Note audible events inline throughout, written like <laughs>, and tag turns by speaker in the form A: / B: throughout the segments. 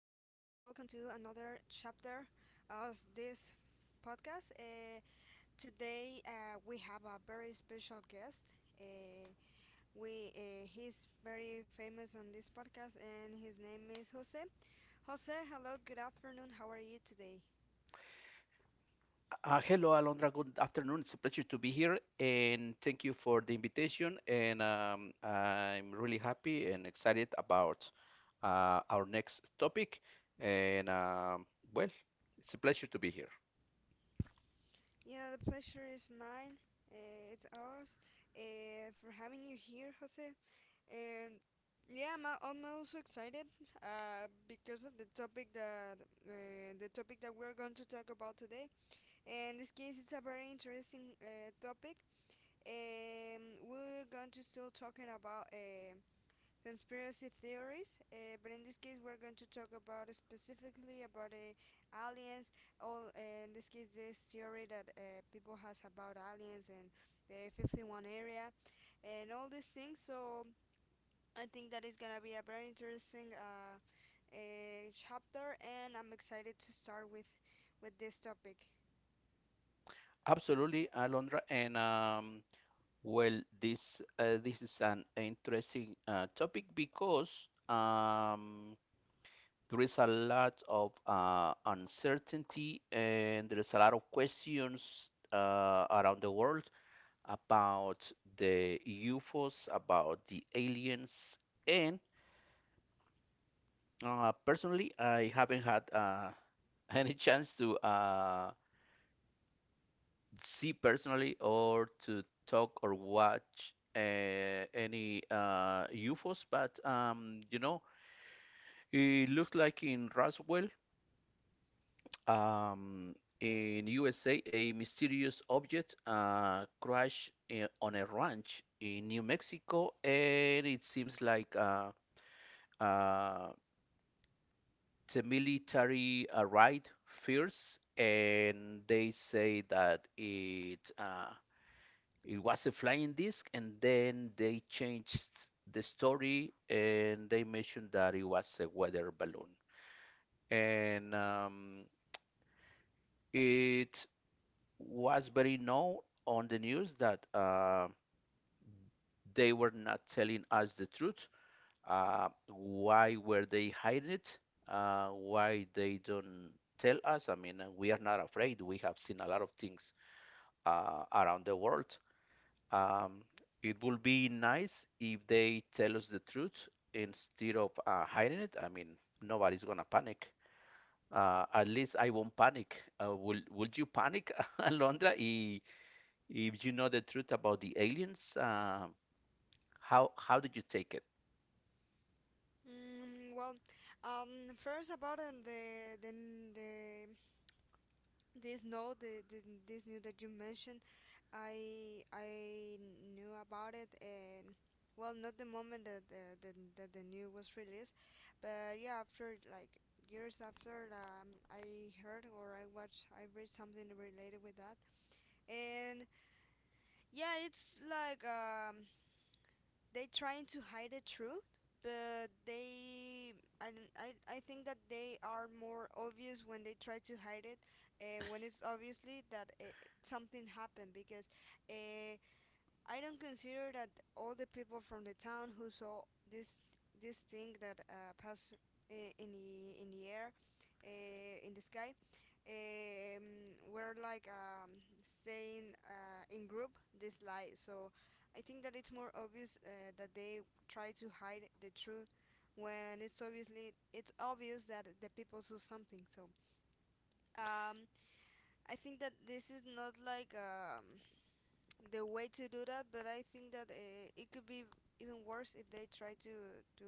A: to another chapter of this podcast. Today, we have a very special guest. Uh, we He's very famous on this podcast, and his name is Jose. Jose, hello, good afternoon. How are you today?
B: Hello, Alondra. Good afternoon. It's a pleasure to be here, and thank you for the invitation. And I'm really happy and excited about our next topic. And um, well, it's a pleasure to be here.
A: Yeah, the pleasure is mine. It's ours for having you here, Jose. And yeah, I'm also excited because of the topic that we're going to talk about today. In this case, it's a very interesting topic. Um, we're going to still talking about conspiracy theories, but in this case we're going to talk about specifically about aliens. All in this case, this theory that people has about aliens and the 51 area and all these things. So I think that is gonna be a very interesting chapter, and I'm excited to start with this topic.
B: Absolutely, Alondra. This is an interesting topic because there is a lot of uncertainty and there is a lot of questions around the world about the UFOs, about the aliens, and personally, I haven't had <laughs> any chance to see personally or to talk or watch any UFOs. But you know, it looks like in Roswell, um, in USA, a mysterious object crashed on a ranch in New Mexico, and it seems like. Uh, the military arrived first, and they say that it was a flying disc, and then they changed the story, and they mentioned that it was a weather balloon, and it was very known on the news that they were not telling us the truth. Why were they hiding it? Why they don't tell us? I mean, we are not afraid. We have seen a lot of things around the world. Um, it would be nice if they tell us the truth instead of hiding it. I mean, nobody's gonna panic. At least I won't panic. Will Would you panic, <laughs> Alondra, if you know the truth about the aliens? How did you take it?
A: Mm, well, first about the the This note, the, this new that you mentioned, I knew about it, and well, not the moment that that the new was released, but yeah, after like years after, I heard or I watched, I read something related with that, and yeah, it's like they trying to hide the truth but they I, don't- I think that they are more obvious when they try to hide it when it's obviously that something happened because uh, I don't consider that all the people from the town who saw this this thing that passed in the air in the sky were like saying in group this lie. So I think that it's more obvious that they try to hide the truth when it's obvious that the people saw something. So um, I think that this is not like the way to do that, but I think that it could be even worse if they try to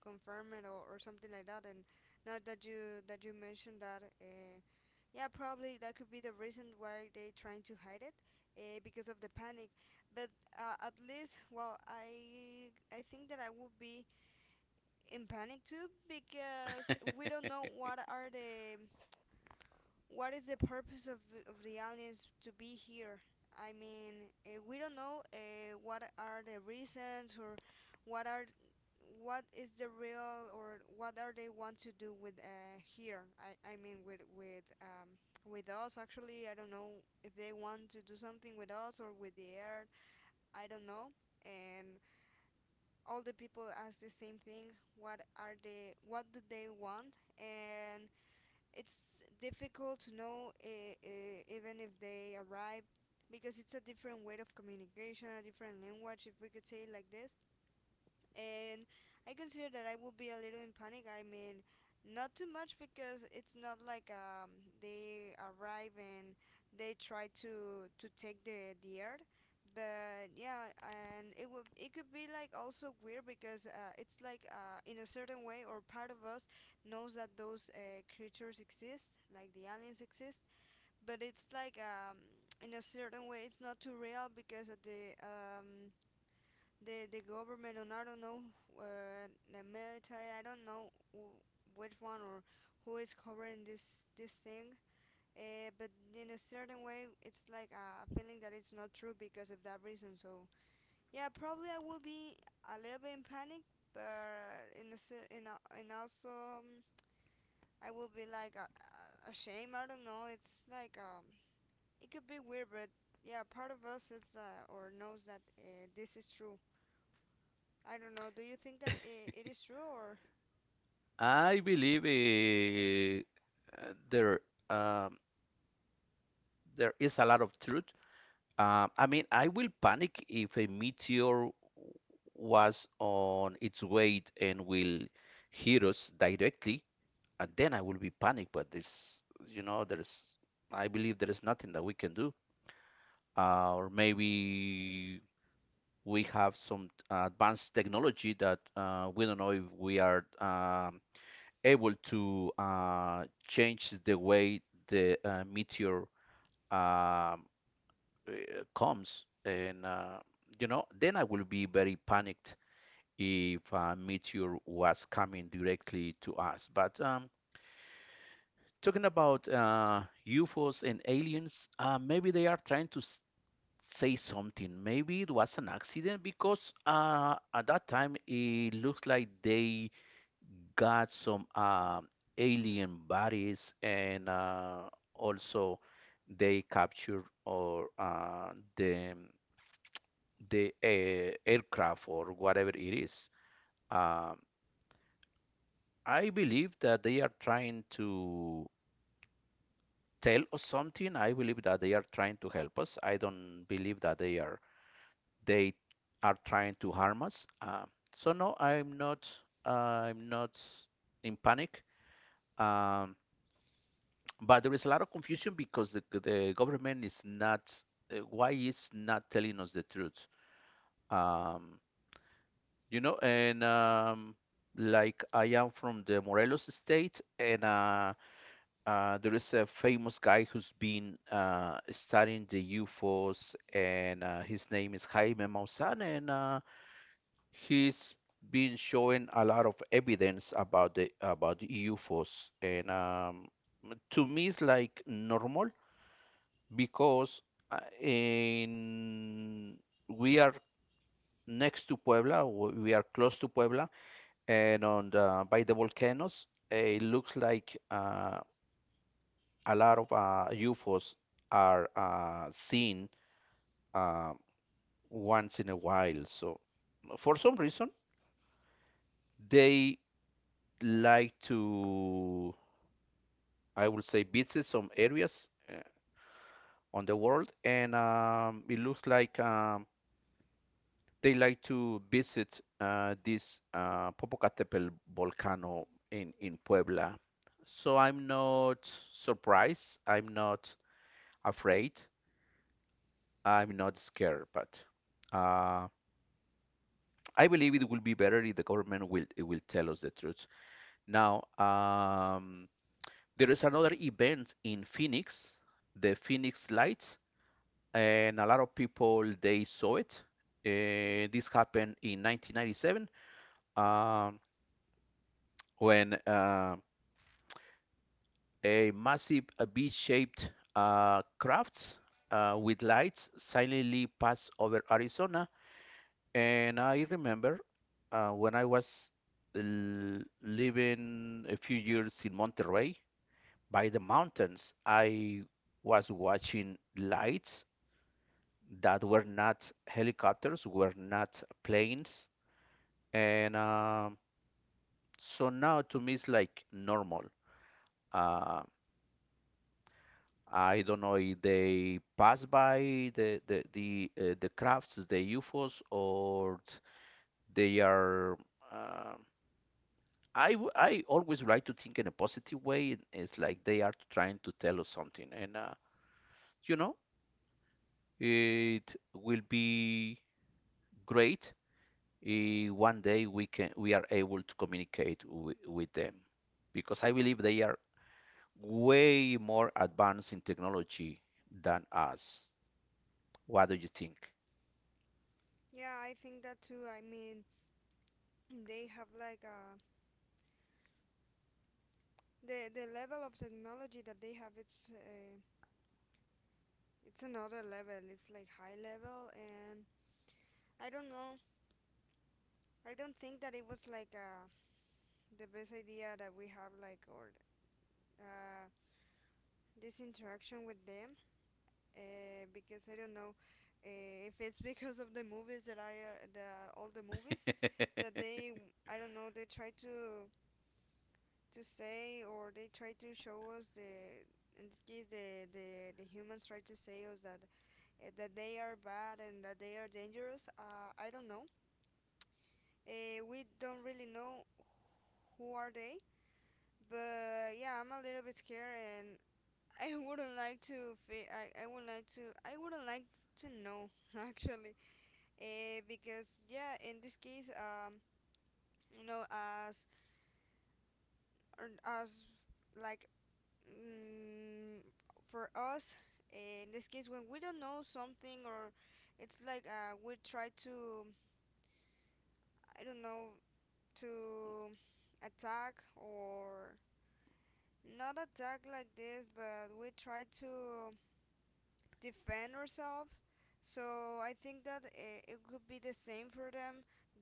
A: confirm it, or something like that. And now that you mentioned that, yeah, probably that could be the reason why they trying to hide it, because of the panic. But at least, well, I think that I would be in panic too because we don't know what is the purpose of the aliens to be here? I mean, we don't know what are the reasons or what are what is the real or what are they want to do with here? I mean with us actually. I don't know if they want to do something with us or with the earth. I don't know. And all the people ask the same thing. What are they? What do they want? And it's difficult to know even if they arrive because it's a different way of communication, a different language, if we could say it like this, and I consider that I will be a little in panic. I mean, not too much because it's not like they arrive and they try to take the earth. But yeah, and it could be like also weird because it's like in a certain way or part of us knows that those creatures exist, like the aliens exist. But it's like in a certain way, it's not too real because of the the government and I don't know the military. I don't know which one or who is covering this thing. But in a certain way, it's like a feeling that it's not true because of that reason. So yeah, probably I will be a little bit in panic, but in a cer- in a, and also I will be like a ashamed. I don't know. It's like it could be weird, but yeah, part of us is or knows that this is true. I don't know. Do you think that it is true or?
B: I believe um, there is a lot of truth. I mean, I will panic if a meteor was on its way and will hit us directly, and then I will be panicked. But there's, you know, there's, I believe there is nothing that we can do. Or maybe we have some advanced technology that we don't know if we are able to change the way the meteor um, comes. You know, then I will be very panicked if a meteor was coming directly to us. But talking about UFOs and aliens, maybe they are trying to say something. Maybe it was an accident because at that time it looks like they got some alien bodies and also they capture or the aircraft or whatever it is. Um, I believe that they are trying to tell us something. I believe that they are trying to help us. I don't believe that they are trying to harm us. So no, I'm not. I'm not in panic. Um, But there is a lot of confusion because the government is not why is not telling us the truth. Um, you know, and like I am from the Morelos state, and there is a famous guy who's been studying the UFOs, and his name is Jaime Maussan, and he's been showing a lot of evidence about the UFOs, and to me it's like normal because in we are next to Puebla, we are close to Puebla, and on by the volcanoes, it looks like a lot of UFOs are seen uh, once in a while. So for some reason, they like to, I would say, visit some areas on the world, and it looks like they like to visit this Popocatépetl volcano in Puebla. So I'm not surprised. I'm not afraid. I'm not scared, but uh, I believe it will be better if the government will tell us the truth. Now, there is another event in Phoenix, the Phoenix Lights, and a lot of people they saw it. This happened in 1997. Um, when A massive V-shaped crafts with lights silently passed over Arizona. And I remember when I was living a few years in Monterrey by the mountains, I was watching lights that were not helicopters, were not planes, and so now to me it's like normal. Uh, I don't know if they pass by the crafts, the UFOs, or they are. Uh, I always like to think in a positive way. It's like they are trying to tell us something, and you know, it will be great if one day we are able to communicate with them, because I believe they are way more advanced in technology than us. What do you think?
A: Yeah, I think that too. I mean, they have like the level of technology that they have. It's another level. It's like high level, and I don't know. I don't think that it was like the best idea that we have like or uh this interaction with them. Because I don't know if it's <laughs> because of the movies that I the all the movies that
B: <laughs>
A: they I don't know they try to say or they try to show us the in this case the humans try to say us that that they are bad and that they are dangerous I don't know, we don't really know who are they, but yeah I'm a little bit scared and <laughs> I wouldn't like to fe- I would like to I wouldn't like to know <laughs> actually because yeah in this case you know as as like mm, for us in this case when we don't know something or it's like we try to, I don't know, to attack or not attack like this but we try to defend ourselves, so I think that it could be the same for them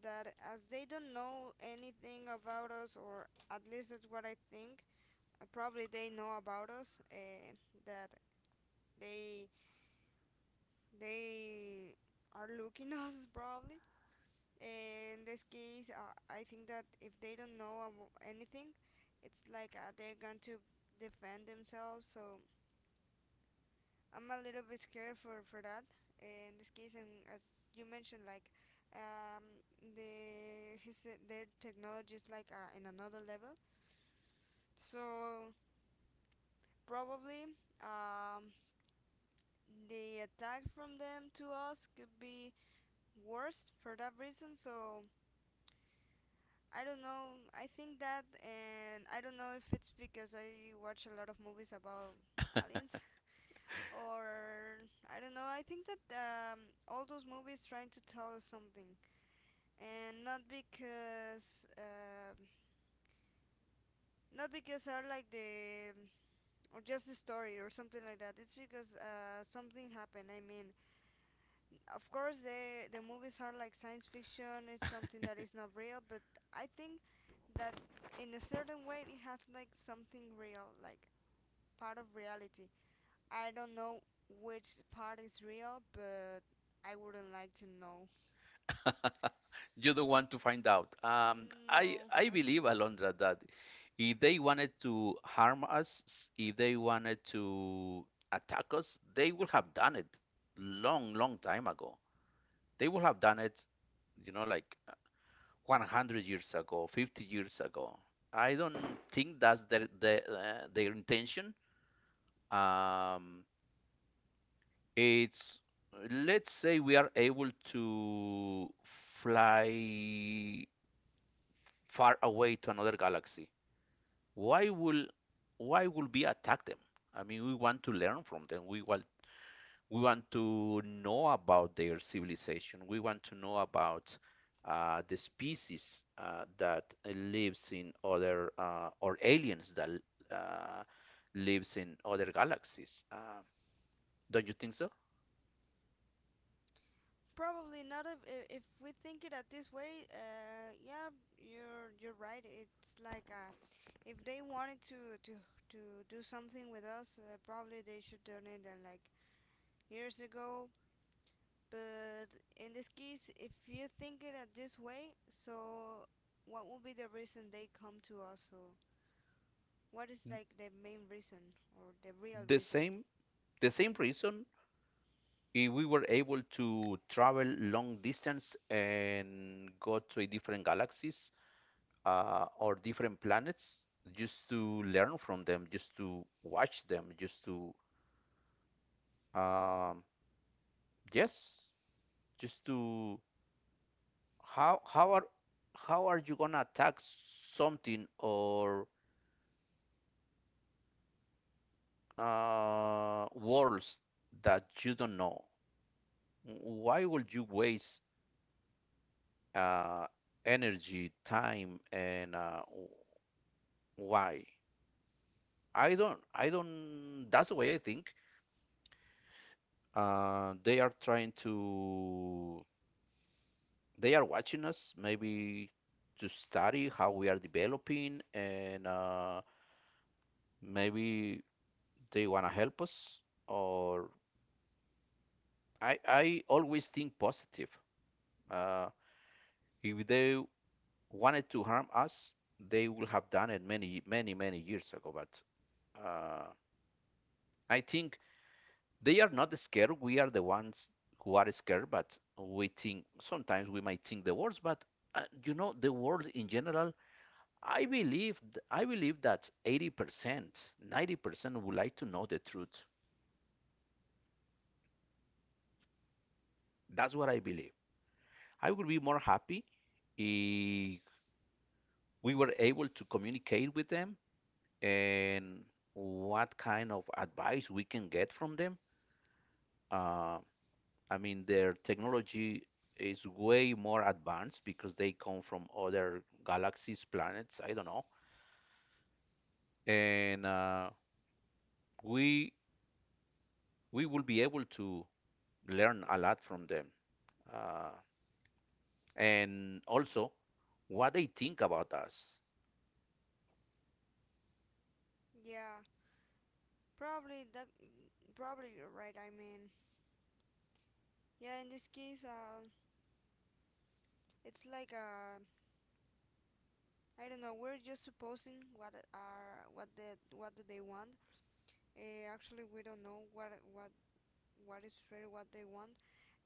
A: that as they don't know anything about us or at least that's what I think. Probably they know about us that they they are looking <laughs> us probably. In this case, I think that if they don't know anything, it's like they're going to defend themselves. So I'm a little bit scared for that. In this case, and as you mentioned, like um, their technology is like in another level. So probably um, the attack from them to us could be worse for that reason. So I don't know. I think that, and I don't know if it's because I watch a lot of movies about aliens, <laughs> or I don't know. I think that all those movies trying to tell us something, and not because not because are like the or just a story or something like that. It's because something happened. I mean, of course the movies are like science fiction, it's something that is not real, but I think that in a certain way it has like something real, like part of reality. I don't know which part is real, but I wouldn't like to know.
B: You don't want to find out. Um, I
A: No,
B: I believe,
A: actually.
B: Alondra, that if they wanted to harm us, if they wanted to attack us, they would have done it long, long time ago. They would have done it, you know, like 100 years ago, 50 years ago. I don't think that's their intention. Um, it's Let's say we are able to fly far away to another galaxy, why will why will we attack them? I mean, we want to learn from them. We want to know about their civilization. We want to know about the species that lives in other or aliens that uh, lives in other galaxies. Don't you think so?
A: Probably not. If we think it at this way, uh, yeah, you're right. It's like if they wanted to do something with us, probably they should donate and like years ago. But in this case, if you think it at this way, so what would be the reason they come to us? So what is like the main reason or the real
B: The
A: reason?
B: same the same reason we were able to travel long distance and go to a different galaxies or different planets just to learn from them, just to watch them, just to um, yes, just to how how are how are you gonna attack something or worlds that you don't know? Why would you waste uh, energy, time, and why? I don't. That's the way I think. Uh, they are trying to, they are watching us maybe to study how we are developing, and maybe they wanna help us. Or I always think positive. Uh, if they wanted to harm us, they would have done it many, many, many years ago. But uh, I think They are not scared. We are the ones who are scared, but we think sometimes we might think the worst. But You know, the world in general, I believe, I believe that 80%, 90% would like to know the truth. That's what I believe. I would be more happy if we were able to communicate with them and what kind of advice we can get from them. Uh, I mean, their technology is way more advanced because they come from other galaxies, planets, I don't know. And we we will be able to learn a lot from them. Uh, and also what they think about us.
A: Yeah, probably that. Probably you're right. I mean, yeah. In this case, it's like I don't know. We're just supposing what do they want. Actually, we don't know what is really what they want.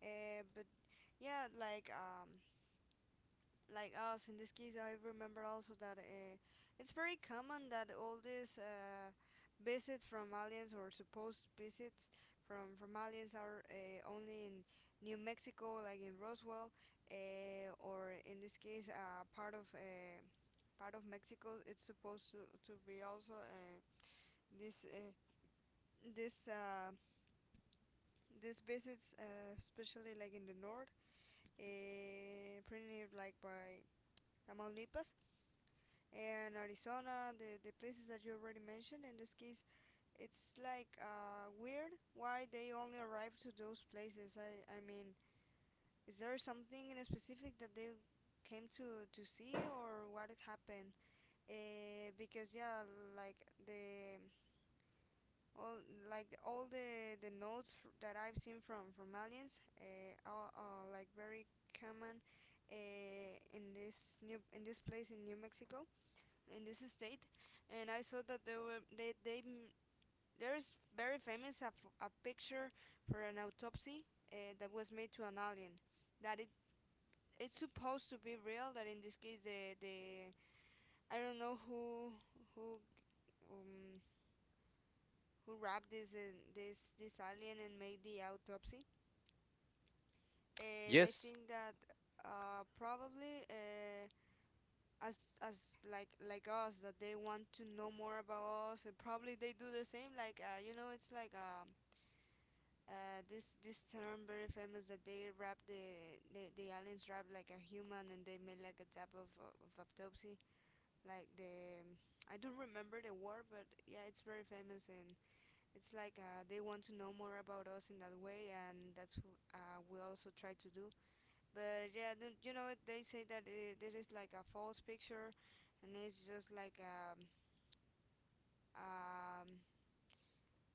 A: But yeah, like us in this case I remember also that it's very common that all these visits from aliens or supposed visits from aliens are only in new mexico like in roswell, or in this case part of mexico it's supposed to be also this this these visits especially like in the north printed like by Tamaulipas and Arizona, the places that you already mentioned. In this case, it's like weird why they only arrived to those places. I mean, is there something in specific that they came to see or what happened? Because yeah, like the all like all the notes that I've seen from aliens, are like very common in this place in New Mexico in this state, and I saw that there were they there is very famous a picture for an autopsy that was made to an alien that it's supposed to be real that in this case the I don't know who um who wrapped this alien and made the autopsy. They
B: Yes,
A: think that probably, as like us, that they want to know more about us, and probably they do the same, like, you know, it's like this term very famous that they wrap the aliens, wrap like a human, and they made like a type of autopsy, like the... I don't remember the word, but yeah, it's very famous. And it's like they want to know more about us in that way, and that's we also try to do. But yeah, you know, they say that I this is like a false picture, and it's just like a, um,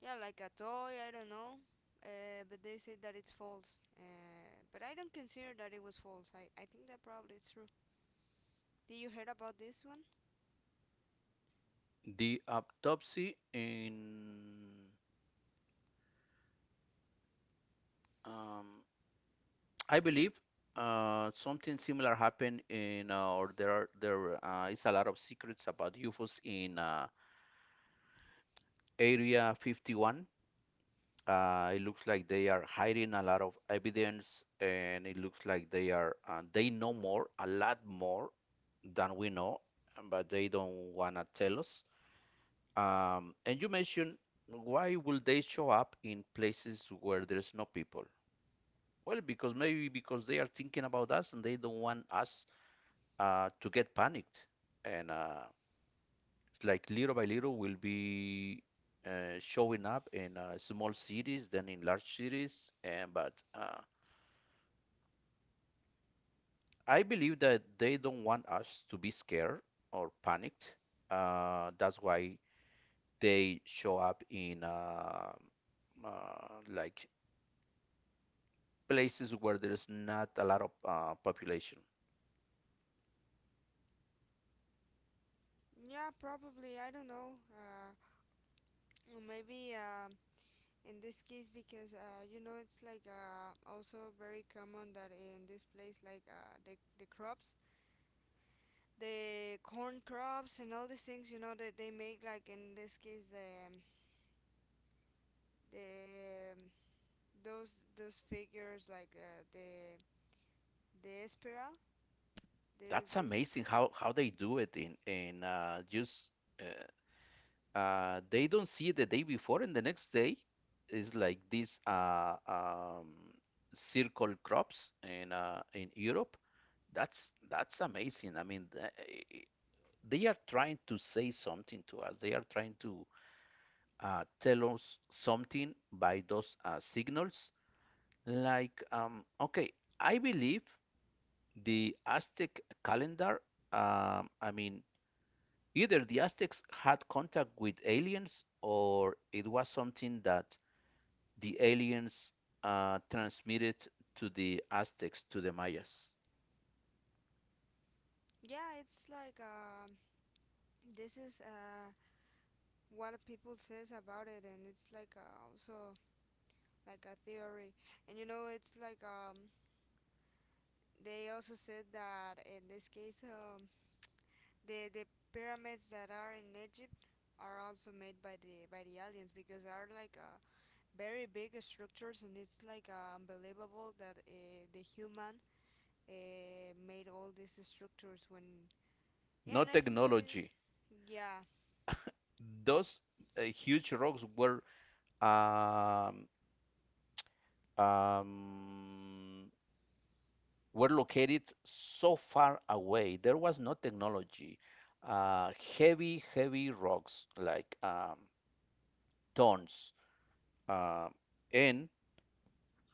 A: yeah, like a toy. I don't know. But they say that it's false. But I don't consider that it was false. I think that probably it's true. Did you heard about this one?
B: the autopsy in um, I believe something similar happened in or there is a lot of secrets about UFOs in Area 51. It looks like they are hiding a lot of evidence, and it looks like they know more, a lot more than we know, but they don't wanna tell us. And you mentioned why will they show up in places where there's no people? Well, because maybe because they are thinking about us and they don't want us to get panicked. And It's like little by little will be showing up in small cities, then in large cities. And but I believe that they don't want us to be scared or panicked. That's why they show up in like places where there's not a lot of population.
A: Yeah, probably. I don't know. Or maybe, in this case, because you know, it's like also very common that in this place, like the crops, the corn crops and all these things, you know, that they make, like in this case, the the those figures, like, the espiral, this
B: That's
A: this
B: amazing how they do it in just. Uh, they don't see it the day before, and the next day is like these circle crops in Europe. That's amazing. I mean, eh, they are trying to say something to us. They are trying to tell us something by those signals. Like, okay, I believe the Aztec calendar. I mean, either the Aztecs had contact with aliens or it was something that the aliens transmitted to the Aztecs, to the Mayas.
A: yeah, it's like this is what people says about it. And it's like also like a theory. And you know, it's like they also said that in this case, the pyramids that are in Egypt are also made by the aliens, because are like a... very big structures. And it's like unbelievable that the human made all these structures when... yeah.
B: No
A: And I think that is...
B: technology.
A: yeah.
B: Those huge rocks um, um, were located so far away. There was no technology. Uh, Heavy, heavy rocks like tons. Uh, and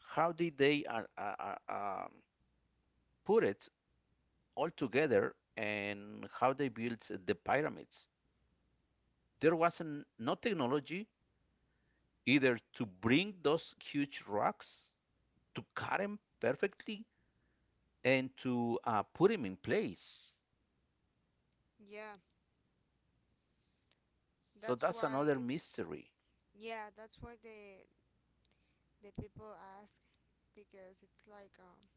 B: how did they um, put it all together and how they built the pyramids. There wasn't no technology either to bring those huge rocks, to cut them perfectly, and to put them in place.
A: Yeah,
B: So
A: that's
B: that's
A: why
B: another
A: it's...
B: mystery.
A: yeah, that's why the people ask, because it's like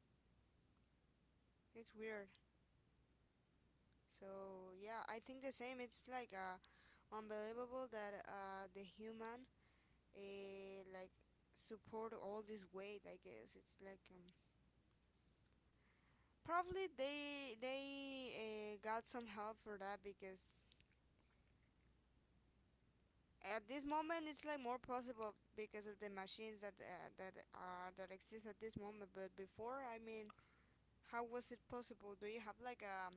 A: it's weird. So yeah, I think the same. It's like unbelievable that the human, like, support all this weight, I guess. It's like probably they got some help for that, because at this moment it's like more possible because of the machines that that exist at this moment. But before, I mean, how was it possible? Do you have like a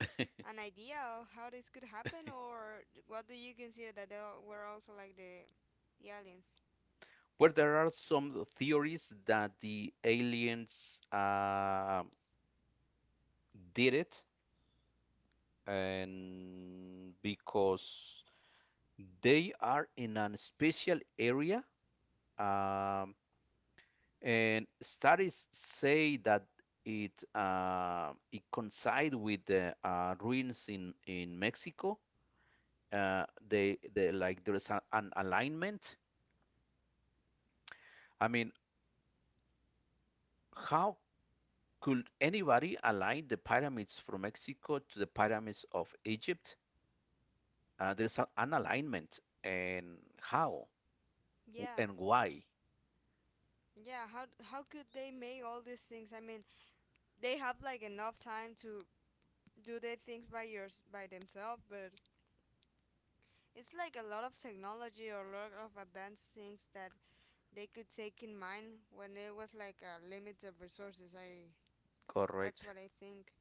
B: <laughs>
A: an idea of how this could happen, or what do you consider? That were also like the, aliens?
B: Where there are some theories that the aliens did it, and because they are in a special area um, And studies say that it coincide with the ruins in Mexico. They like There is a, an alignment. I mean, how could anybody align the pyramids from Mexico to the pyramids of Egypt? There's a, an alignment, and how
A: Yeah,
B: and why?
A: yeah. How could they make all these things? I mean, they have like enough time to do their things by themselves, but it's like a lot of technology or a lot of advanced things that they could take in mind when it was like a limit of resources. I That's
B: Correct.
A: what I think.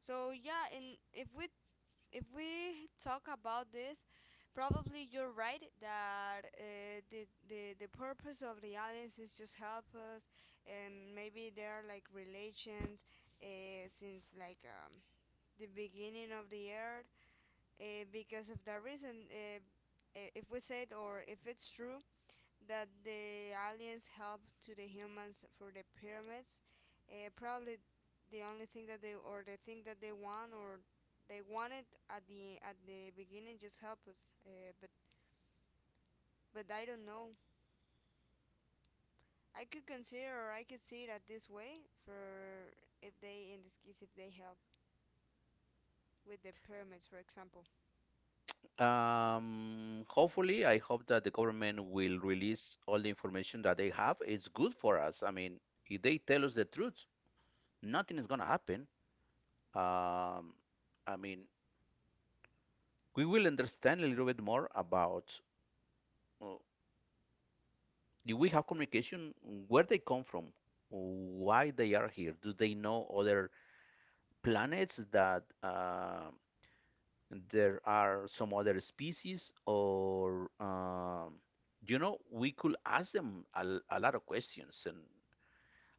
A: So yeah, and if we talk about this, probably you're right that, the, the purpose of the aliens is just help us, and maybe they are like relations, since like, the beginning of the earth, because of that reason. If we said, or if it's true that the aliens helped to the humans for the pyramids, probably the only thing that they, or the thing that they want, or they wanted at the beginning, just help us, but I don't know. I could consider, or I could see it at this way for, if they, in this case, if they help with the pyramids, for example.
B: Hopefully, I hope that the government will release all the information that they have. It's good for us. I mean, if they tell us the truth, nothing is gonna happen. Um, I mean, we will understand a little bit more about uh, if we have communication, where they come from, why they are here. Do they know other planets that there are some other species, or you know, we could ask them a, a lot of questions, and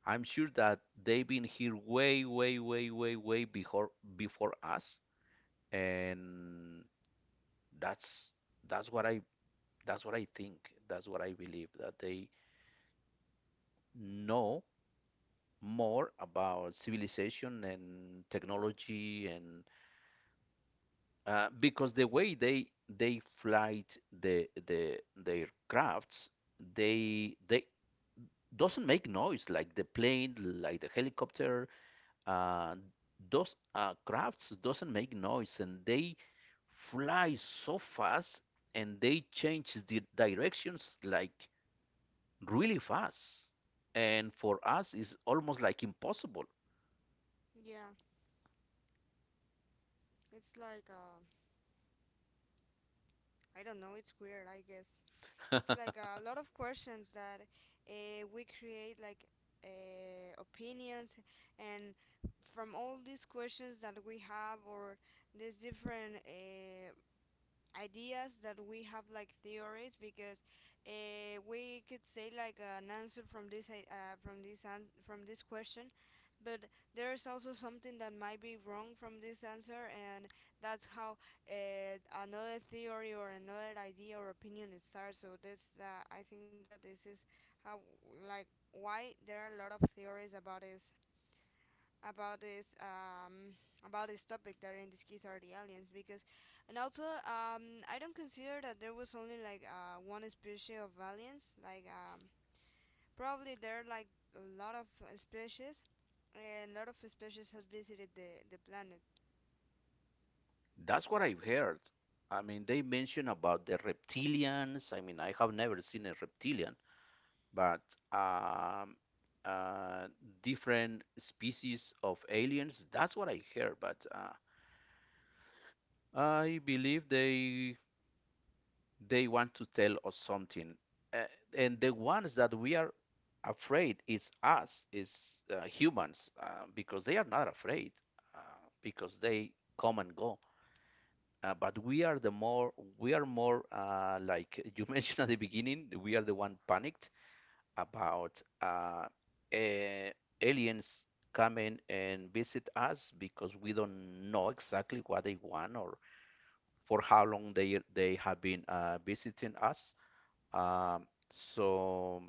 B: I'm sure that they've been here way, way, way, way, way before us, and that's that's what I that's what I think. That's what I believe that they know more about civilization and technology and, because the way they flight the their crafts, they doesn't make noise like the plane, like the helicopter. Uh, those uh, crafts doesn't make noise, and they fly so fast, and they change the directions like really fast, and for us it's almost like impossible.
A: Yeah, it's like, I don't know. It's weird, I guess. It's
B: <laughs>
A: like a lot of questions that we create, like, opinions, and from all these questions that we have, or these different ideas that we have, like theories, because we could say like an answer from this I- from this an- from this question, but there is also something that might be wrong from this answer. And that's how, uh, another theory or another idea or opinion is started. So this, I think that this is how, like, why there are a lot of theories about this, about this um, about this topic, that in this case are the aliens. Because... and also, I don't consider that there was only like one species of aliens, like, probably there are like a lot of species, and a lot of species has visited the planet.
B: That's what I've heard. I mean, they mention about the reptilians. I mean, I have never seen a reptilian, but um, uh, different species of aliens. That's what I hear. But I believe they want to tell us something. Uh, and the ones that we are afraid is us, is humans, because they are not afraid, uh, because they come and go. But we are the more, we are more like <laughs> you mentioned at the beginning. We are the one panicked about eh, aliens coming and visit us because we don't know exactly what they want or for how long they have been visiting us. So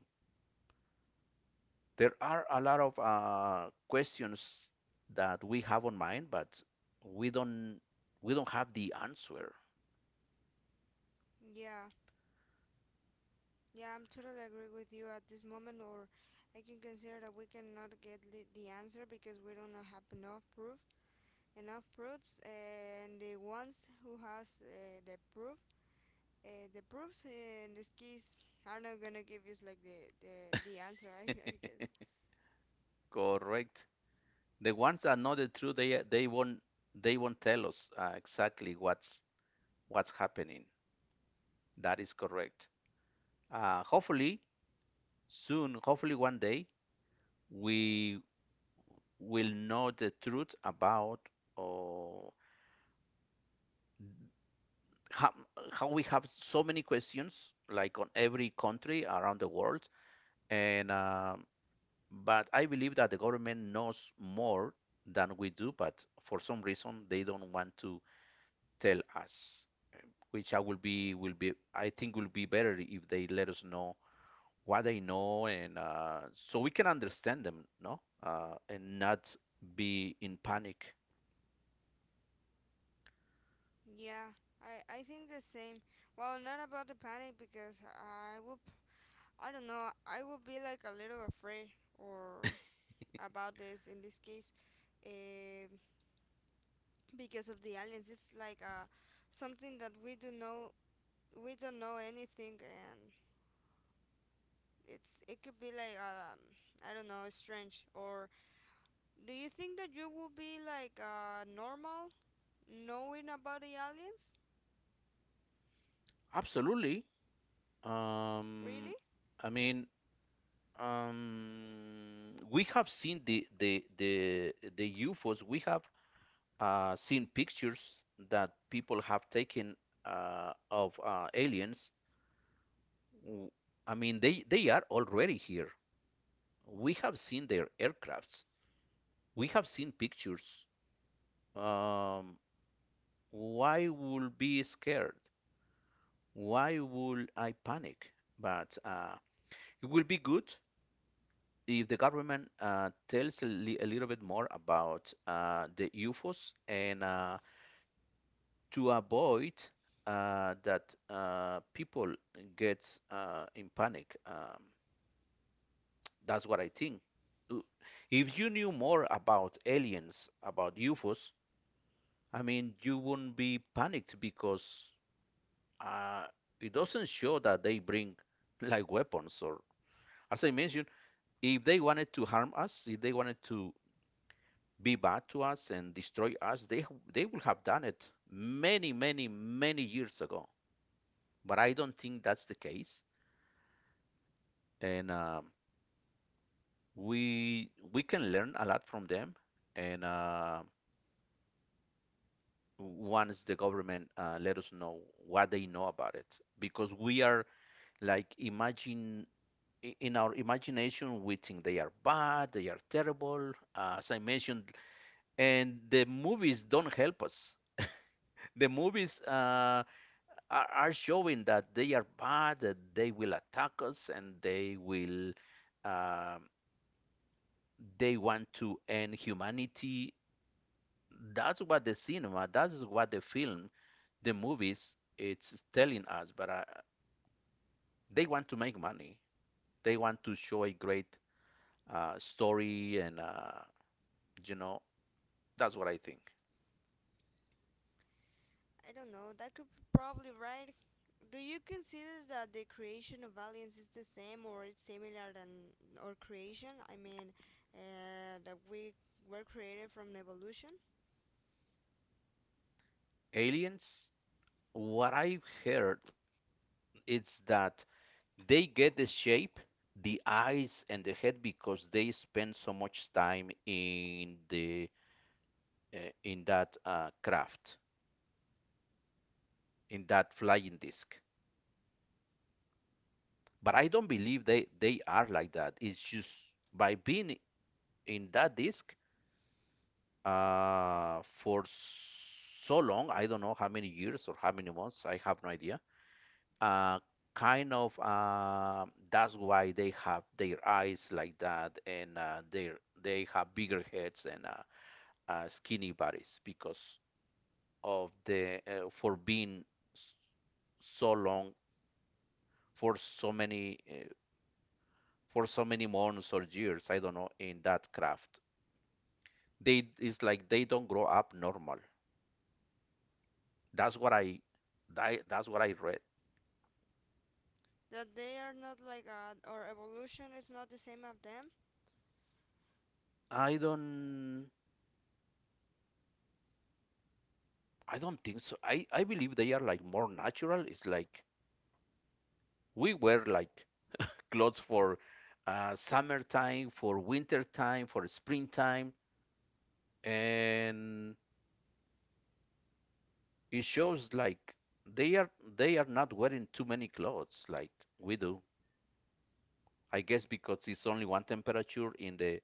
B: there are a lot of questions that we have on mind, but we don't we don't have the answer.
A: Yeah, yeah, I'm totally agree with you at this moment, or I can consider that we cannot get the answer, because we don't have enough proof, enough proofs, and the ones who has the proof... the proofs, in this case, are not gonna give us like the answer, right? <laughs> I guess.
B: <laughs> Correct. The ones that know the truth, they won't, they won't tell us exactly what's happening. That is correct. Uh, hopefully soon, hopefully one day, we will know the truth about, uh, how, how we have so many questions like on every country around the world. And but I believe that the government knows more than we do, but for some reason they don't want to tell us, which I will be I think will be better if they let us know what they know, and so we can understand them, no? And not be in panic.
A: Yeah, I think the same. Well, not about the panic, because I don't know, I would be like a little afraid, or about this, in this case, uh, because of the aliens. It's like something that we do know... we don't know anything. And it could be like, I don't know, strange, or... do you think that you will be like normal knowing about the aliens?
B: Absolutely. Um,
A: Really?
B: I mean, we have seen the UFOs. We have seen pictures that people have taken of aliens. W- I mean, they are already here. We have seen their aircrafts. We have seen pictures. Um, why would be scared? Why would I panic? But it will be good if the government tells a, a little bit more about the UFOs, and to avoid that people get in panic. That's what I think. Uh, If you knew more about aliens, about UFOs, I mean, you wouldn't be panicked because uh, it doesn't show that they bring <laughs> like weapons. Or as I mentioned, if they wanted to harm us, if they wanted to be bad to us and destroy us, they would have done it many, many, many years ago. But I don't think that's the case. And we can learn a lot from them. And once the government let us know what they know about it, because we are, like, imagine, in our imagination we think they are bad, they are terrible, as I mentioned. And the movies don't help us. <laughs> The movies, are showing that they are bad, that they will attack us, and they will, um they want to end humanity. That's what the cinema, that's what the film, the movies it's telling us. But they want to make money. They want to show a great story. And you know, that's what I think.
A: I don't know. That could be probably right. Do you consider that the creation of aliens is the same, or it's similar than our creation? I mean, that we were created from evolution?
B: Aliens, what I've heard is that they get the shape, the eyes, and the head because they spend so much time in the in that craft, in that flying disc. But I don't believe they are like that. It's just by being in that disc for so long. I don't know how many years or how many months. I have no idea. uh, kind of uh, that's why they have their eyes like that, and their they have bigger heads, and skinny bodies because of the, for being s- so long, for so many uh, for so many months or years, I don't know, in that craft. They, it's like they don't grow up normal. That's what I, that's what I read.
A: That they are not like, our evolution is not the same as them?
B: I don't I don't think so. I believe they are like more natural. It's like we were like <laughs> clothes for summertime, for wintertime, for springtime, and it shows like they are, they are not wearing too many clothes like we do. I guess because it's only one temperature in the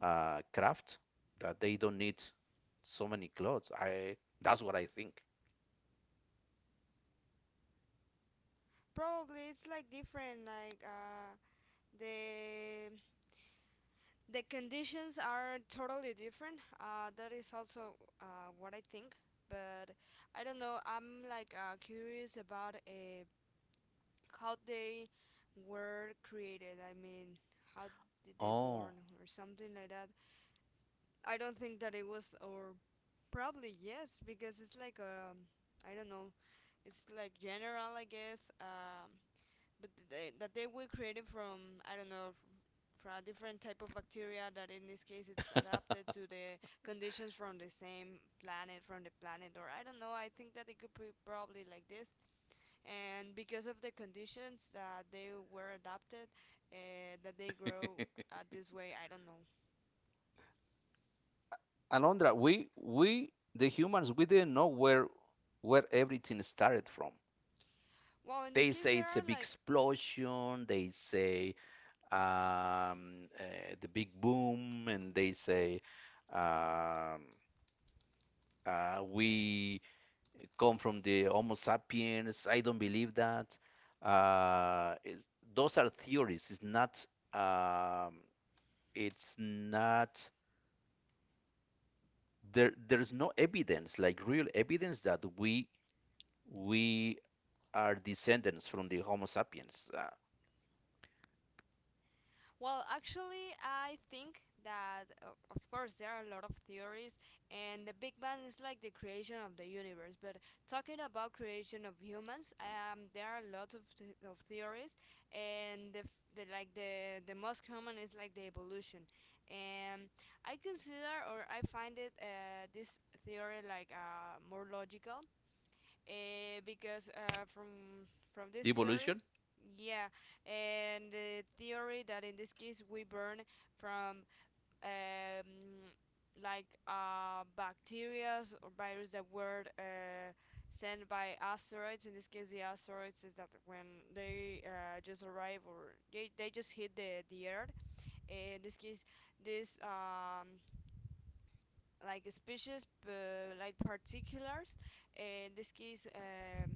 B: craft, that they don't need so many clothes. I, that's what I think.
A: Probably it's like different, like, the conditions are totally different. That is also what I think, but I don't know. I'm like curious about how they were created. I mean, how did they born,
B: Oh,
A: or something like that. I don't think that it was, or probably yes, because it's like, I don't know. It's like general, I guess. But they, that they were created from, I don't know, for a different type of bacteria that in this case it's adapted to the conditions from the same planet, from the planet, or I don't know. I think that it could be probably like this, and because of the conditions that they were adapted, that they grow, this way. I don't know.
B: Alondra, we the humans, we didn't know where everything started from.
A: Well, in this
B: They
A: case
B: say
A: there
B: it's a
A: are
B: big
A: like...
B: explosion. They say the big boom, and they say um, we come from the Homo sapiens. I don't believe that. It's, those are theories. It's not. Um, it's not. There, there's no evidence, like real evidence, that we are descendants from the Homo sapiens.
A: Well, actually, I think that, of course, there are a lot of theories, and the Big Bang is like the creation of the universe. But talking about creation of humans, there are a lot of, of theories, and the, f- the like the most common is like the evolution. And I consider, or I find it, this theory like, more logical, because, from this theory,
B: Evolution?
A: yeah, and the theory that in this case we burn from, um, like, bacteria or virus that were sent by asteroids. In this case, the asteroids is that when they just arrive, or they just hit the Earth. In this case, this, like species but like particulars. In this case,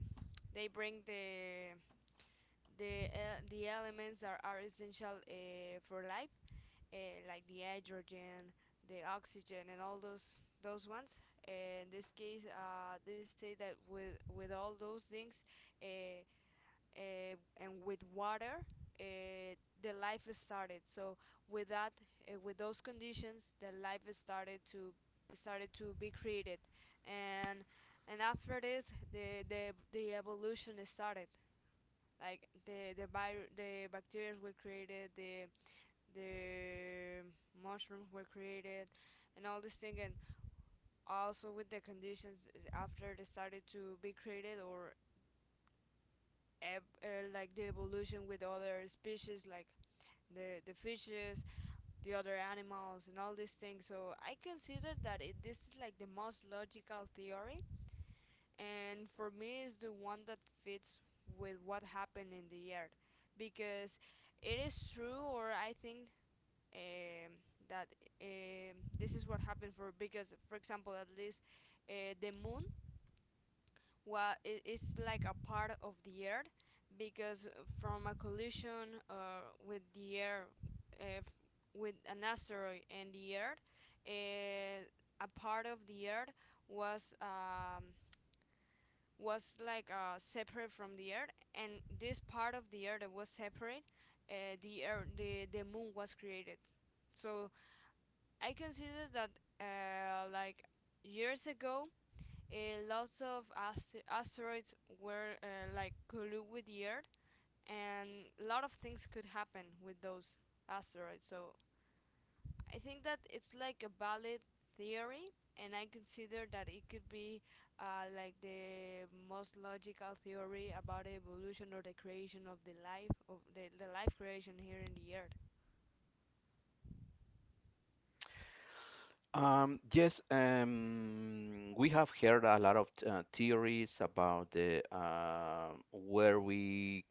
A: they bring the the elements that are essential, for life, like the hydrogen, the oxygen, and all those ones. In this case, they say that with all those things, uh, uh, and with water, uh, the life started. So with that, with those conditions, the life started to... be created. And and after this, the evolution started, like the bacteria were created, the the mushrooms were created, and all this thing. And also with the conditions, after they started to be created, or like the evolution with other species like the fishes, the other animals, and all these things. So I consider that, this is like the most logical theory, and for me, is the one that fits with what happened in the earth, because it is true, or I think, um, that, this is what happened for, because, for example, at least the moon, well, it, it's like a part of the earth, because from a collision, with the air, if with an asteroid and the earth, uh, a part of the earth was, was like, separate from the earth, and this part of the earth that was separate, the earth, the moon was created. So I consider that, like years ago, lots of asteroids were, like, collude with the Earth, and a lot of things could happen with those asteroids. So I think that it's like a valid theory, and I consider that it could be, like the most logical theory about evolution, or the creation of the life, of the life creation here in the Earth.
B: Yes, we have heard a lot of theories about the, where we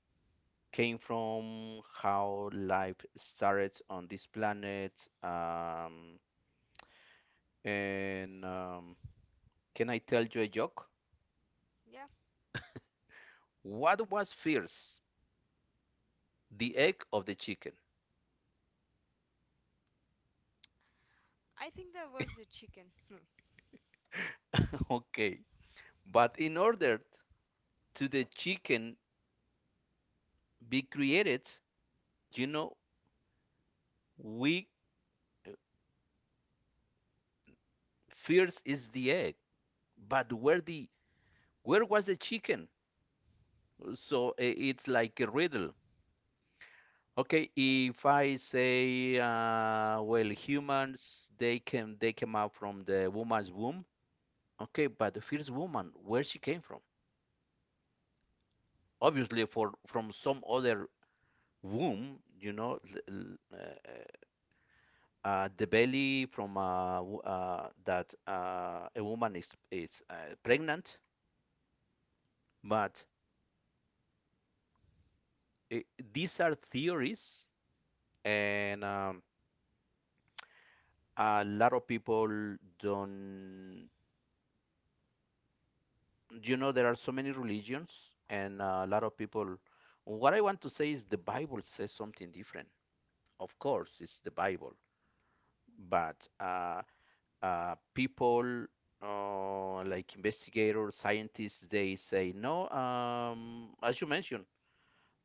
B: came from, how life started on this planet. And can I tell you a joke?
A: Yeah,
B: What was first, the egg or the chicken?
A: I think that was the chicken.
B: <laughs> Okay, but in order to the chicken be created, you know, we first is the egg, but where the, where was the chicken? So it's like a riddle. Okay, if I say, well, humans, they came out from the woman's womb. Okay, but the first woman, where she came from? Obviously, for from some other womb, uh, the belly from that a woman is pregnant. But eh, these are theories. And a lot of people don't, you know, there are so many religions, and a lot of people, what I want to say is the Bible says something different. Of course, it's the Bible. But people like investigators, scientists, they say no. Um, as you mentioned,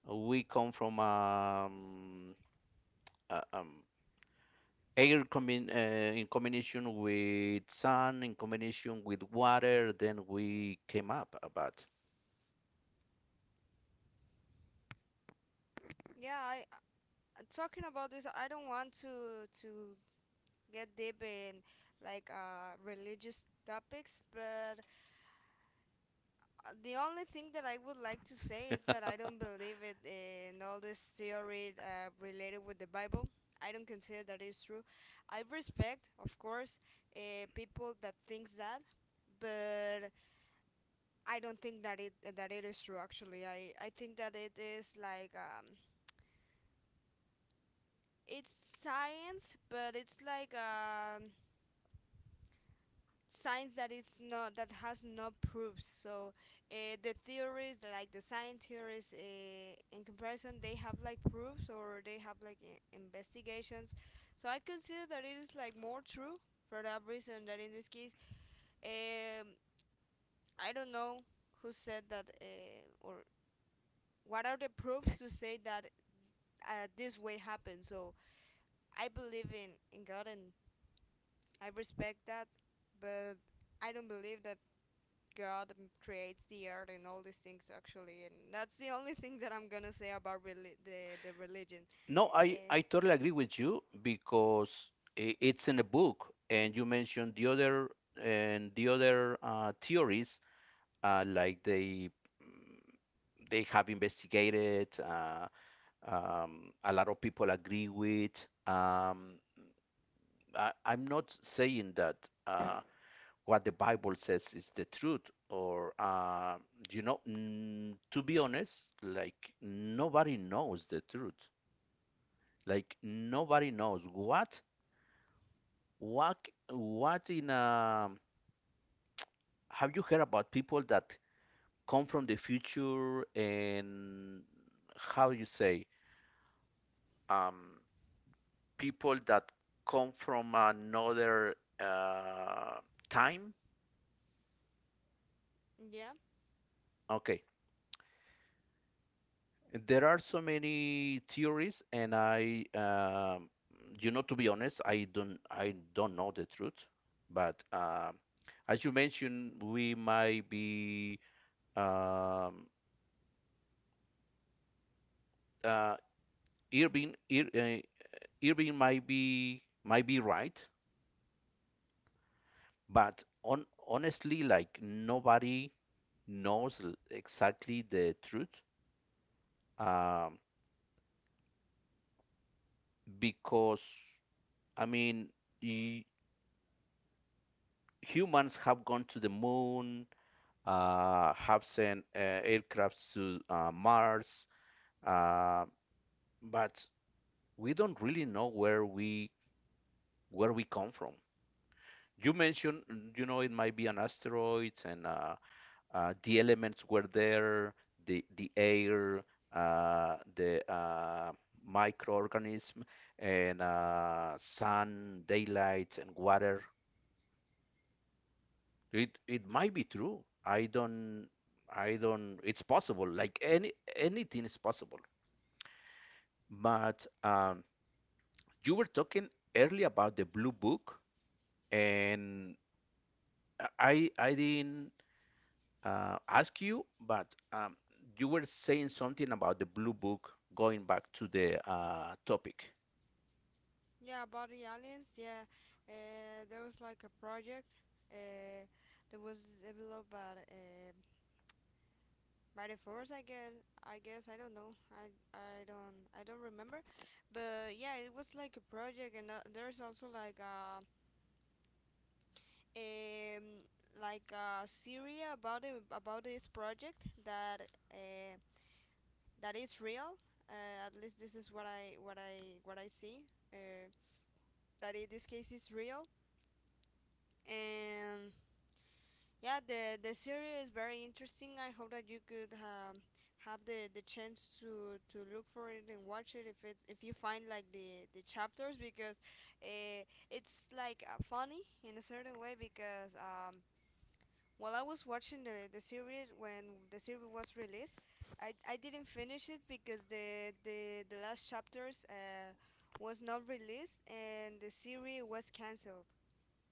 B: we come from A air combin in combination with sun, in combination with water, then we came up about.
A: <laughs> Yeah, I talking about this, I don't want to get deep in, like, religious topics, but the only thing that I would like to say is that I
B: <laughs>
A: don't believe it in all this theory, related with the Bible. I don't consider that is true. I respect, of course, people that thinks that, but I don't think that it is true. Actually, I think that it is like, it's science, but it's like, science that it's not, that has no proofs. The theories, like the science theories, in comparison, they have like proofs or they have like investigations. So I consider that it is like more true for that reason. That in this case, um, I don't know who said that or what are the proofs to say that this way happened. So I believe in God and I respect that, but I don't believe that God creates the earth and all these things actually, and that's the only thing that I'm gonna say about the religion.
B: No,
A: Uh,
B: I totally agree with you because it's in a book, and you mentioned the other, and the other theories, like they, mm, they have investigated. A lot of people agree with. I, I'm not saying that what the Bible says is the truth, or you know, mm, to be honest, like nobody knows the truth. Like nobody knows what what in a. Have you heard about people that come from the future, and how you say, um people that come from another time?
A: yeah,
B: Okay, there are so many theories, and I, you know, to be honest, I don't know the truth. But as you mentioned, we might be um, uh, Irving, Irving might be, might be right, but on honestly, like nobody knows exactly the truth, um, because, I mean, y humans have gone to the moon, have sent aircrafts to Mars, uh, but we don't really know where we, where we come from. You mentioned, mm, you know, it might be an asteroid, and the elements were there, the air, the microorganism, and sun, daylight, and water. It might be true. I don't. It's possible. Like anything is possible. But you were talking earlier about the Blue Book, and I didn't ask you, but you were saying something about the Blue Book going back to the topic.
A: yeah, about the aliens. Yeah, there was like a project uh, that was developed by the force. I guess I don't know. I don't remember, but yeah, it was like a project, and there's also um like a series about it about this project that. That is real. At least this is what I see. Uh, that in this case is real. And yeah, the series is very interesting. I hope that you could have the chance to look for it and watch it if you find like the chapters because uh, it's like funny in a certain way because while I was watching the series when the series was released, I didn't finish it because the last chapters was not released and the series was canceled.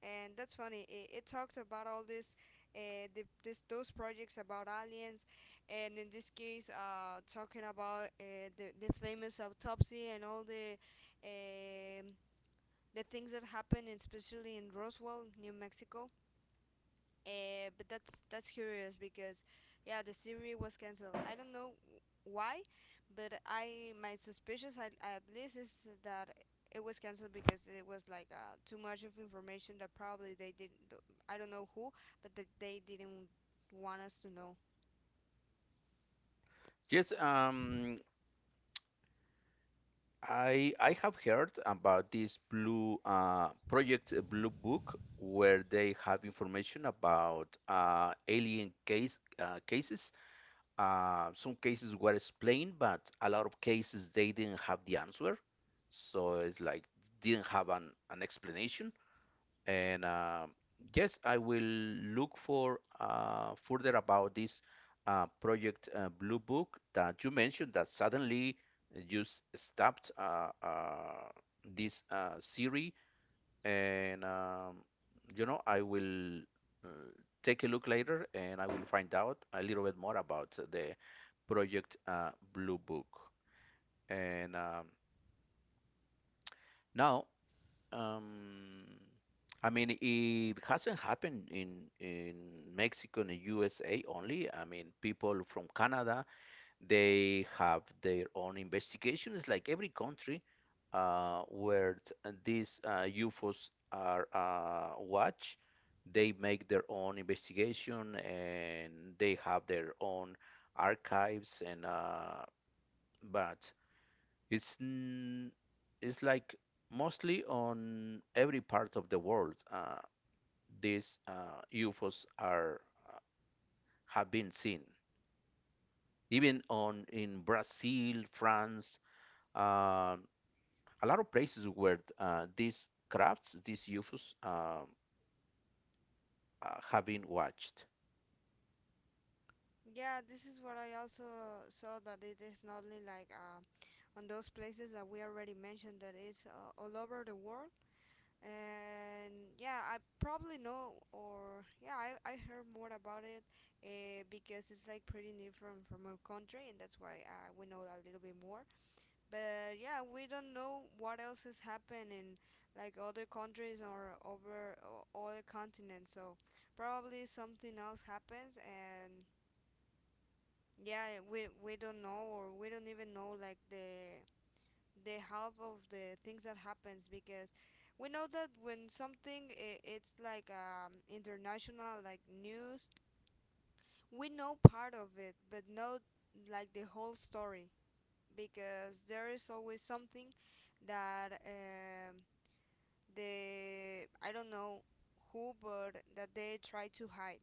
A: And that's funny. It talks about all this, this those projects about aliens, and in this case, talking about the famous autopsy and all um the things that happened, especially in Roswell, New Mexico. But that's curious because yeah, the series was canceled. I don't know why, but I my suspicious at least is that it was canceled because it was like too much of information that probably they didn't. I don't know who, but that they didn't want us to know.
B: Yes, I have heard about this Blue Project, Blue Book, where they have information about alien cases. Some cases were explained, but a lot of cases they didn't have the answer. So it's like didn't have an explanation. And yes, I will look for further about this project, Blue Book, that you mentioned, that suddenly you stopped this series. And I will uh, take a look later and I will find out a little bit more about the Project Blue Book. And um, now, um, I mean, it hasn't happened in Mexico and USA only. I mean, people from Canada, they have their own investigations, like every country uh, where t- these UFOs are watched. They make their own investigation and they have their own archives and but It's n- it's like mostly on every part of the world. These UFOs are uh, have been seen, even on in Brazil, France, um a lot of places where these crafts, these UFOs, have been watched.
A: Yeah, this is what I also saw that it is not only like on those places that we already mentioned that it's all over the world, and yeah, I probably know, or I heard more about it because it's like pretty new from our country, and that's why we know a little bit more. But yeah, we don't know what else is happening in like other countries or over other continents. So probably something else happens, and yeah, we don't know, or we don't even know like the half of the things that happens, because we know that when something it's like international, like news, we know part of it but not like the whole story, because there is always something that the I don't know who, but that they try to hide.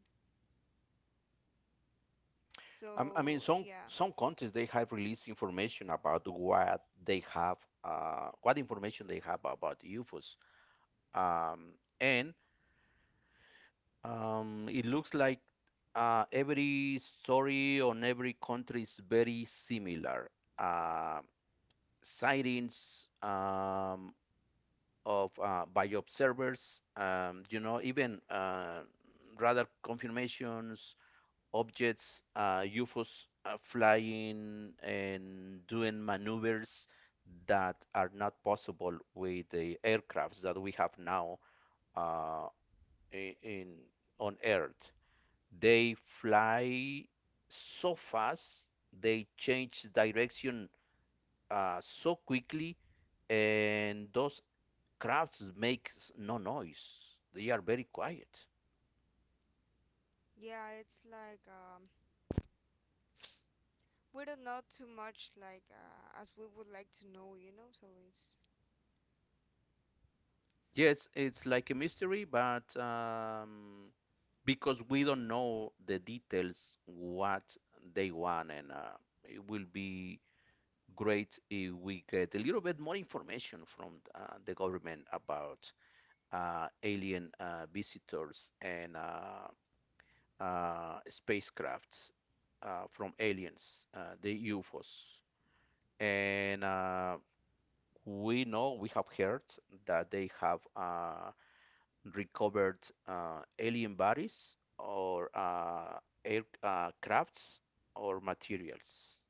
B: I mean,
A: So
B: some
A: yeah,
B: some countries they have released information about what they have, what information they have about UFOs, um, and it looks like every story on every country is very similar. Uh, sightings of by observers, you know, even radar confirmations, objects, UFOs flying and doing maneuvers that are not possible with the aircrafts that we have now, uh, I- in on Earth. They fly so fast, they change direction so quickly, and those crafts make no noise. They are very quiet.
A: yeah it's like we don't know too much, like as we would like to know. So it's.
B: Yes, it's like a mystery, but because we don't know the details what they want, and it will be great if we get a little bit more information from the government about alien visitors and spacecrafts from aliens, the UFOs. And we know, we have heard that they have recovered alien bodies or air or materials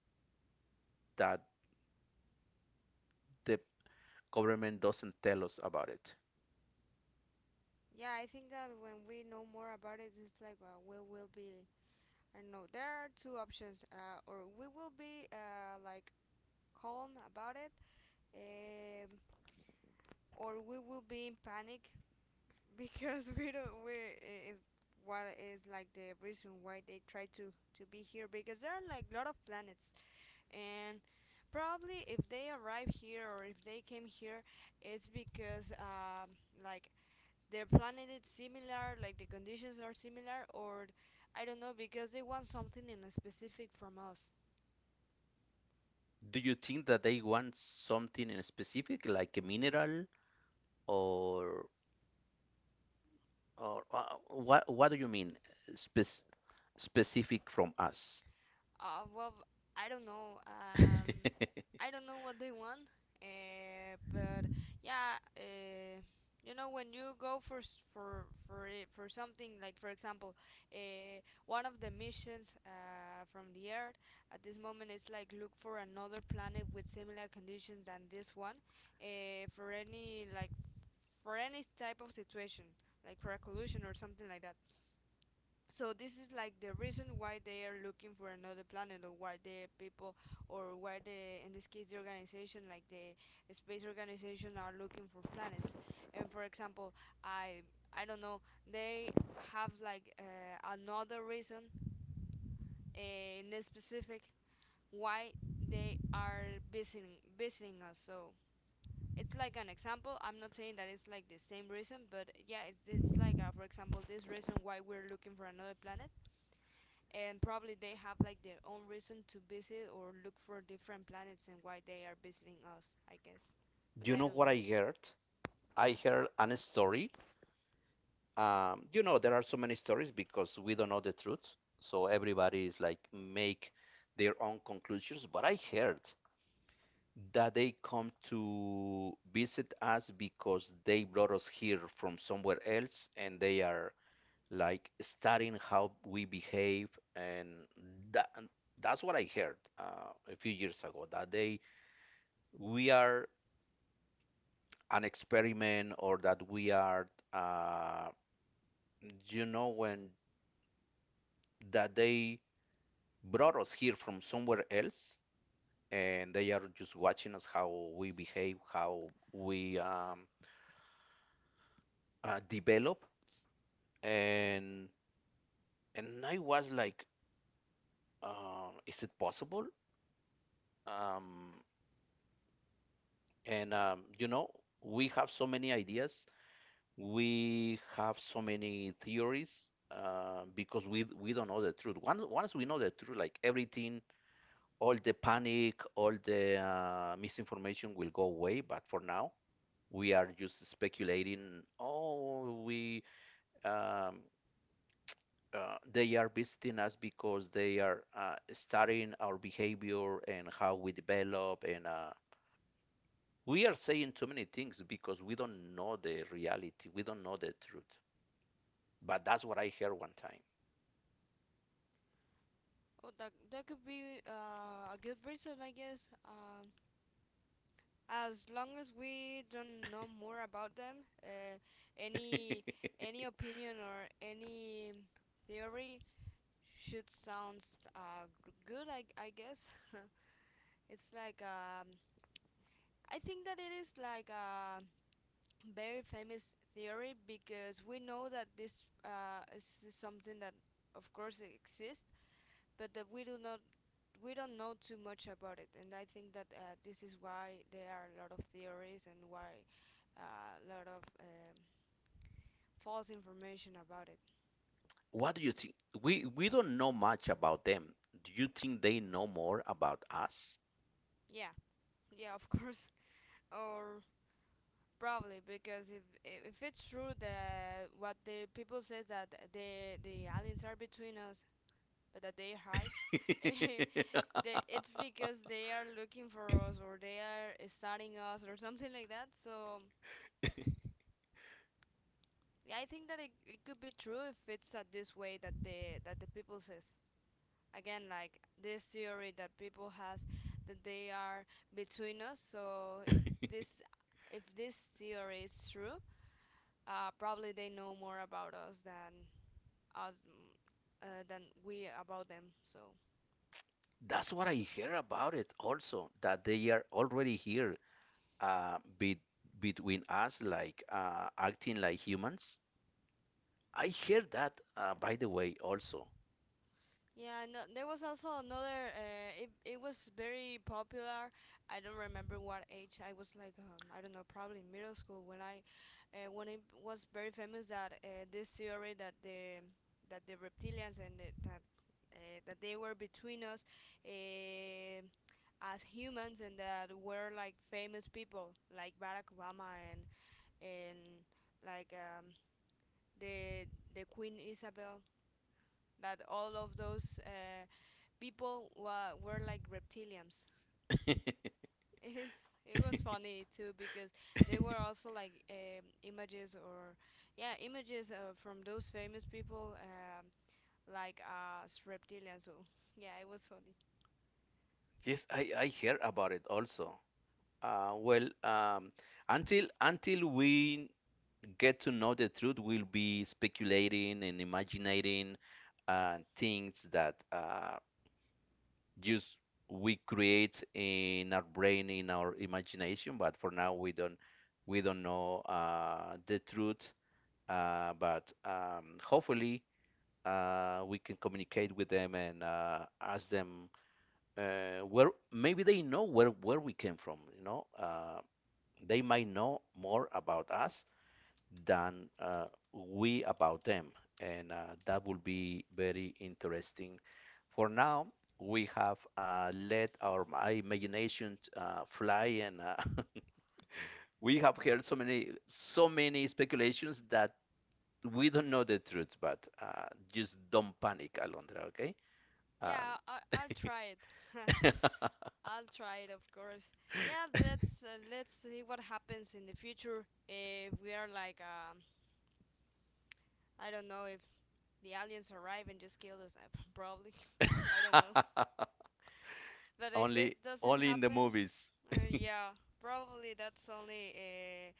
B: that the government doesn't tell us about it.
A: Yeah, I think that when we know more about it, it's like we will be. I don't know. There are two options, or we will be like calm about it, um, or we will be in panic <laughs> because we don't. If what is like the reason why they try to be here, because there are like a lot of planets, and probably if they arrive here or if they came here, it's because like their planet is similar, like the conditions are similar, or I don't know, because they want something in a specific from us.
B: Do you think that they want something in specific, like a mineral or? Or what do you mean spec specific from us?
A: Well, I don't know.
B: <laughs>
A: I don't know what they want. But yeah, you know when you go for for it, for something, like for example, one of the missions from the Earth at this moment is like look for another planet with similar conditions than this one. For any like for any type of situation, like for a collision or something like that. So this is like the reason why they are looking for another planet, or why the people, or why the, in this case, the organization, like the space organization, are looking for planets. And for example, I, I don't know, they have like another reason uh, in this specific, why they are visiting us. So it's like an example. I'm not saying that it's like the same reason, but yeah, it's like for example, this reason why we're looking for another planet, and probably they have like their own reason to visit or look for different planets, and why they are visiting us, I guess. But
B: You
A: I
B: know
A: don't
B: what
A: know.
B: I heard? I heard an story. You know, there are so many stories because we don't know the truth. So everybody is like make their own conclusions. But I heard that they come to visit us because they brought us here from somewhere else and they are like studying how we behave, and that that's what I heard a few years ago that they, we are an experiment, or that we are, you know, when that they brought us here from somewhere else and they are just watching us how we behave, how we develop. and and I was like is it possible? Um, And You know, we have so many ideas, we have so many theories because we don't know the truth. Once we know the truth, like everything, all the panic, all the misinformation will go away. But for now, we are just speculating. Oh, we um, they are visiting us because they are studying our behavior and how we develop and. We are saying too many things because we don't know the reality. We don't know the truth. But that's what I heard one time.
A: Oh, that could be a good reason, I guess. As long as we don't know more about them, any
B: <laughs>
A: any opinion or any theory should sounds good, I guess. <laughs> It's like I think that it is like a very famous theory, because we know that this is something that of course exists, but that we do not we don't know too much about it. And I think that this is why there are a lot of theories, and why a lot of false information about it.
B: What do you think? We don't know much about them. Do you think they know more about us?
A: Yeah, yeah, of course. <laughs> Or probably, because if it's true that what the people says, that the aliens are between us, but that they hide, <laughs>
B: <laughs>
A: the, it's because they are looking for us, or they are studying us, or something like that. So yeah, I think that it could be true if it's this way that the people says. Again, like this theory that people has, that they are between us. So this if this theory is true, uh, probably they know more about us than us mm, than we about them. So
B: That's what I hear about it also, that they are already here uh, be, between us, like acting like humans. I hear that, by the way, also.
A: yeah, no, there was also another. It it was very popular. I don't remember what age. I was like I don't know, probably in middle school when I when it was very famous that this theory that the reptilians and that that they were between us. Uh, as humans, and that were like famous people, like Barack Obama, and like the the Queen Isabel, that all of those people were like reptilians. <laughs> It is it was funny too because they were
B: <laughs>
A: also like images or yeah, images from those famous people like reptilians. So <laughs> yeah, it was funny.
B: Yes, I hear about it also. Uh, well, um, until we get to know the truth, we'll be speculating and imagining things that just we create in our brain, in our imagination. But for now, we don't know the truth. But Hopefully, we can communicate with them and ask them where, maybe they know where we came from. You know, they might know more about us than we about them, and that will be very interesting. For now, we have let our imagination fly, and <laughs> we have heard so many so many speculations that we don't know the truth. But just don't panic, Alondra. Okay. Um,
A: Yeah, I, I'll try it. <laughs> I'll try it, of course. Yeah, let's see what happens in the future if we are like I don't know, if the aliens arrive and just kill us. <laughs> Probably. I don't know.
B: <laughs>
A: But if it
B: Only,
A: doesn't
B: only in the
A: happen,
B: movies.
A: yeah, probably that's only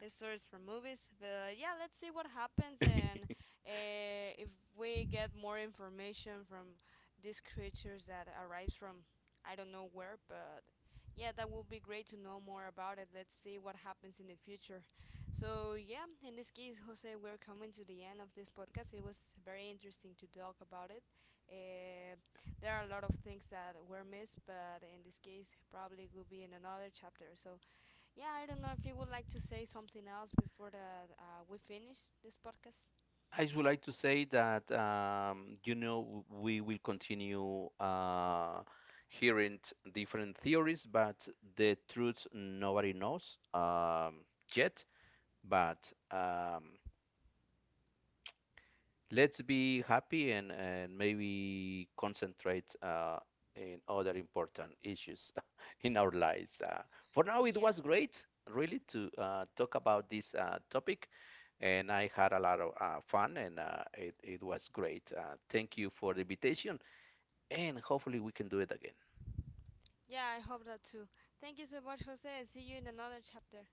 A: his stories from movies. But yeah, let's see what
B: <laughs>
A: happens.
B: I
A: And if we get more information from these creatures that arrives from I don't know where, but yeah, that would be great to know more about it. Let's see what happens in the future. So yeah, in this case, Jose, we're coming to the end of this podcast. It was very interesting to talk about it. Uh, there are a lot of things that were missed, but in this case, probably will be in another chapter. So yeah, I don't know if you would like to say something else before that we finish this podcast.
B: just would like to say that you know, we will continue hearing different theories, but the truth nobody knows yet. But Let's be happy, and maybe concentrate in other important issues <laughs> in our lives. For now, it
A: Yeah.
B: was great, really, to talk about this topic, and I had a lot of fun, and it was great. Thank you for the invitation, and hopefully, we can do it again.
A: Yeah, I hope that too. Thank you so much, Jose. See you in another chapter.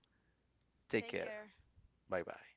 B: Take
A: Take
B: care.
A: care.
B: Bye bye.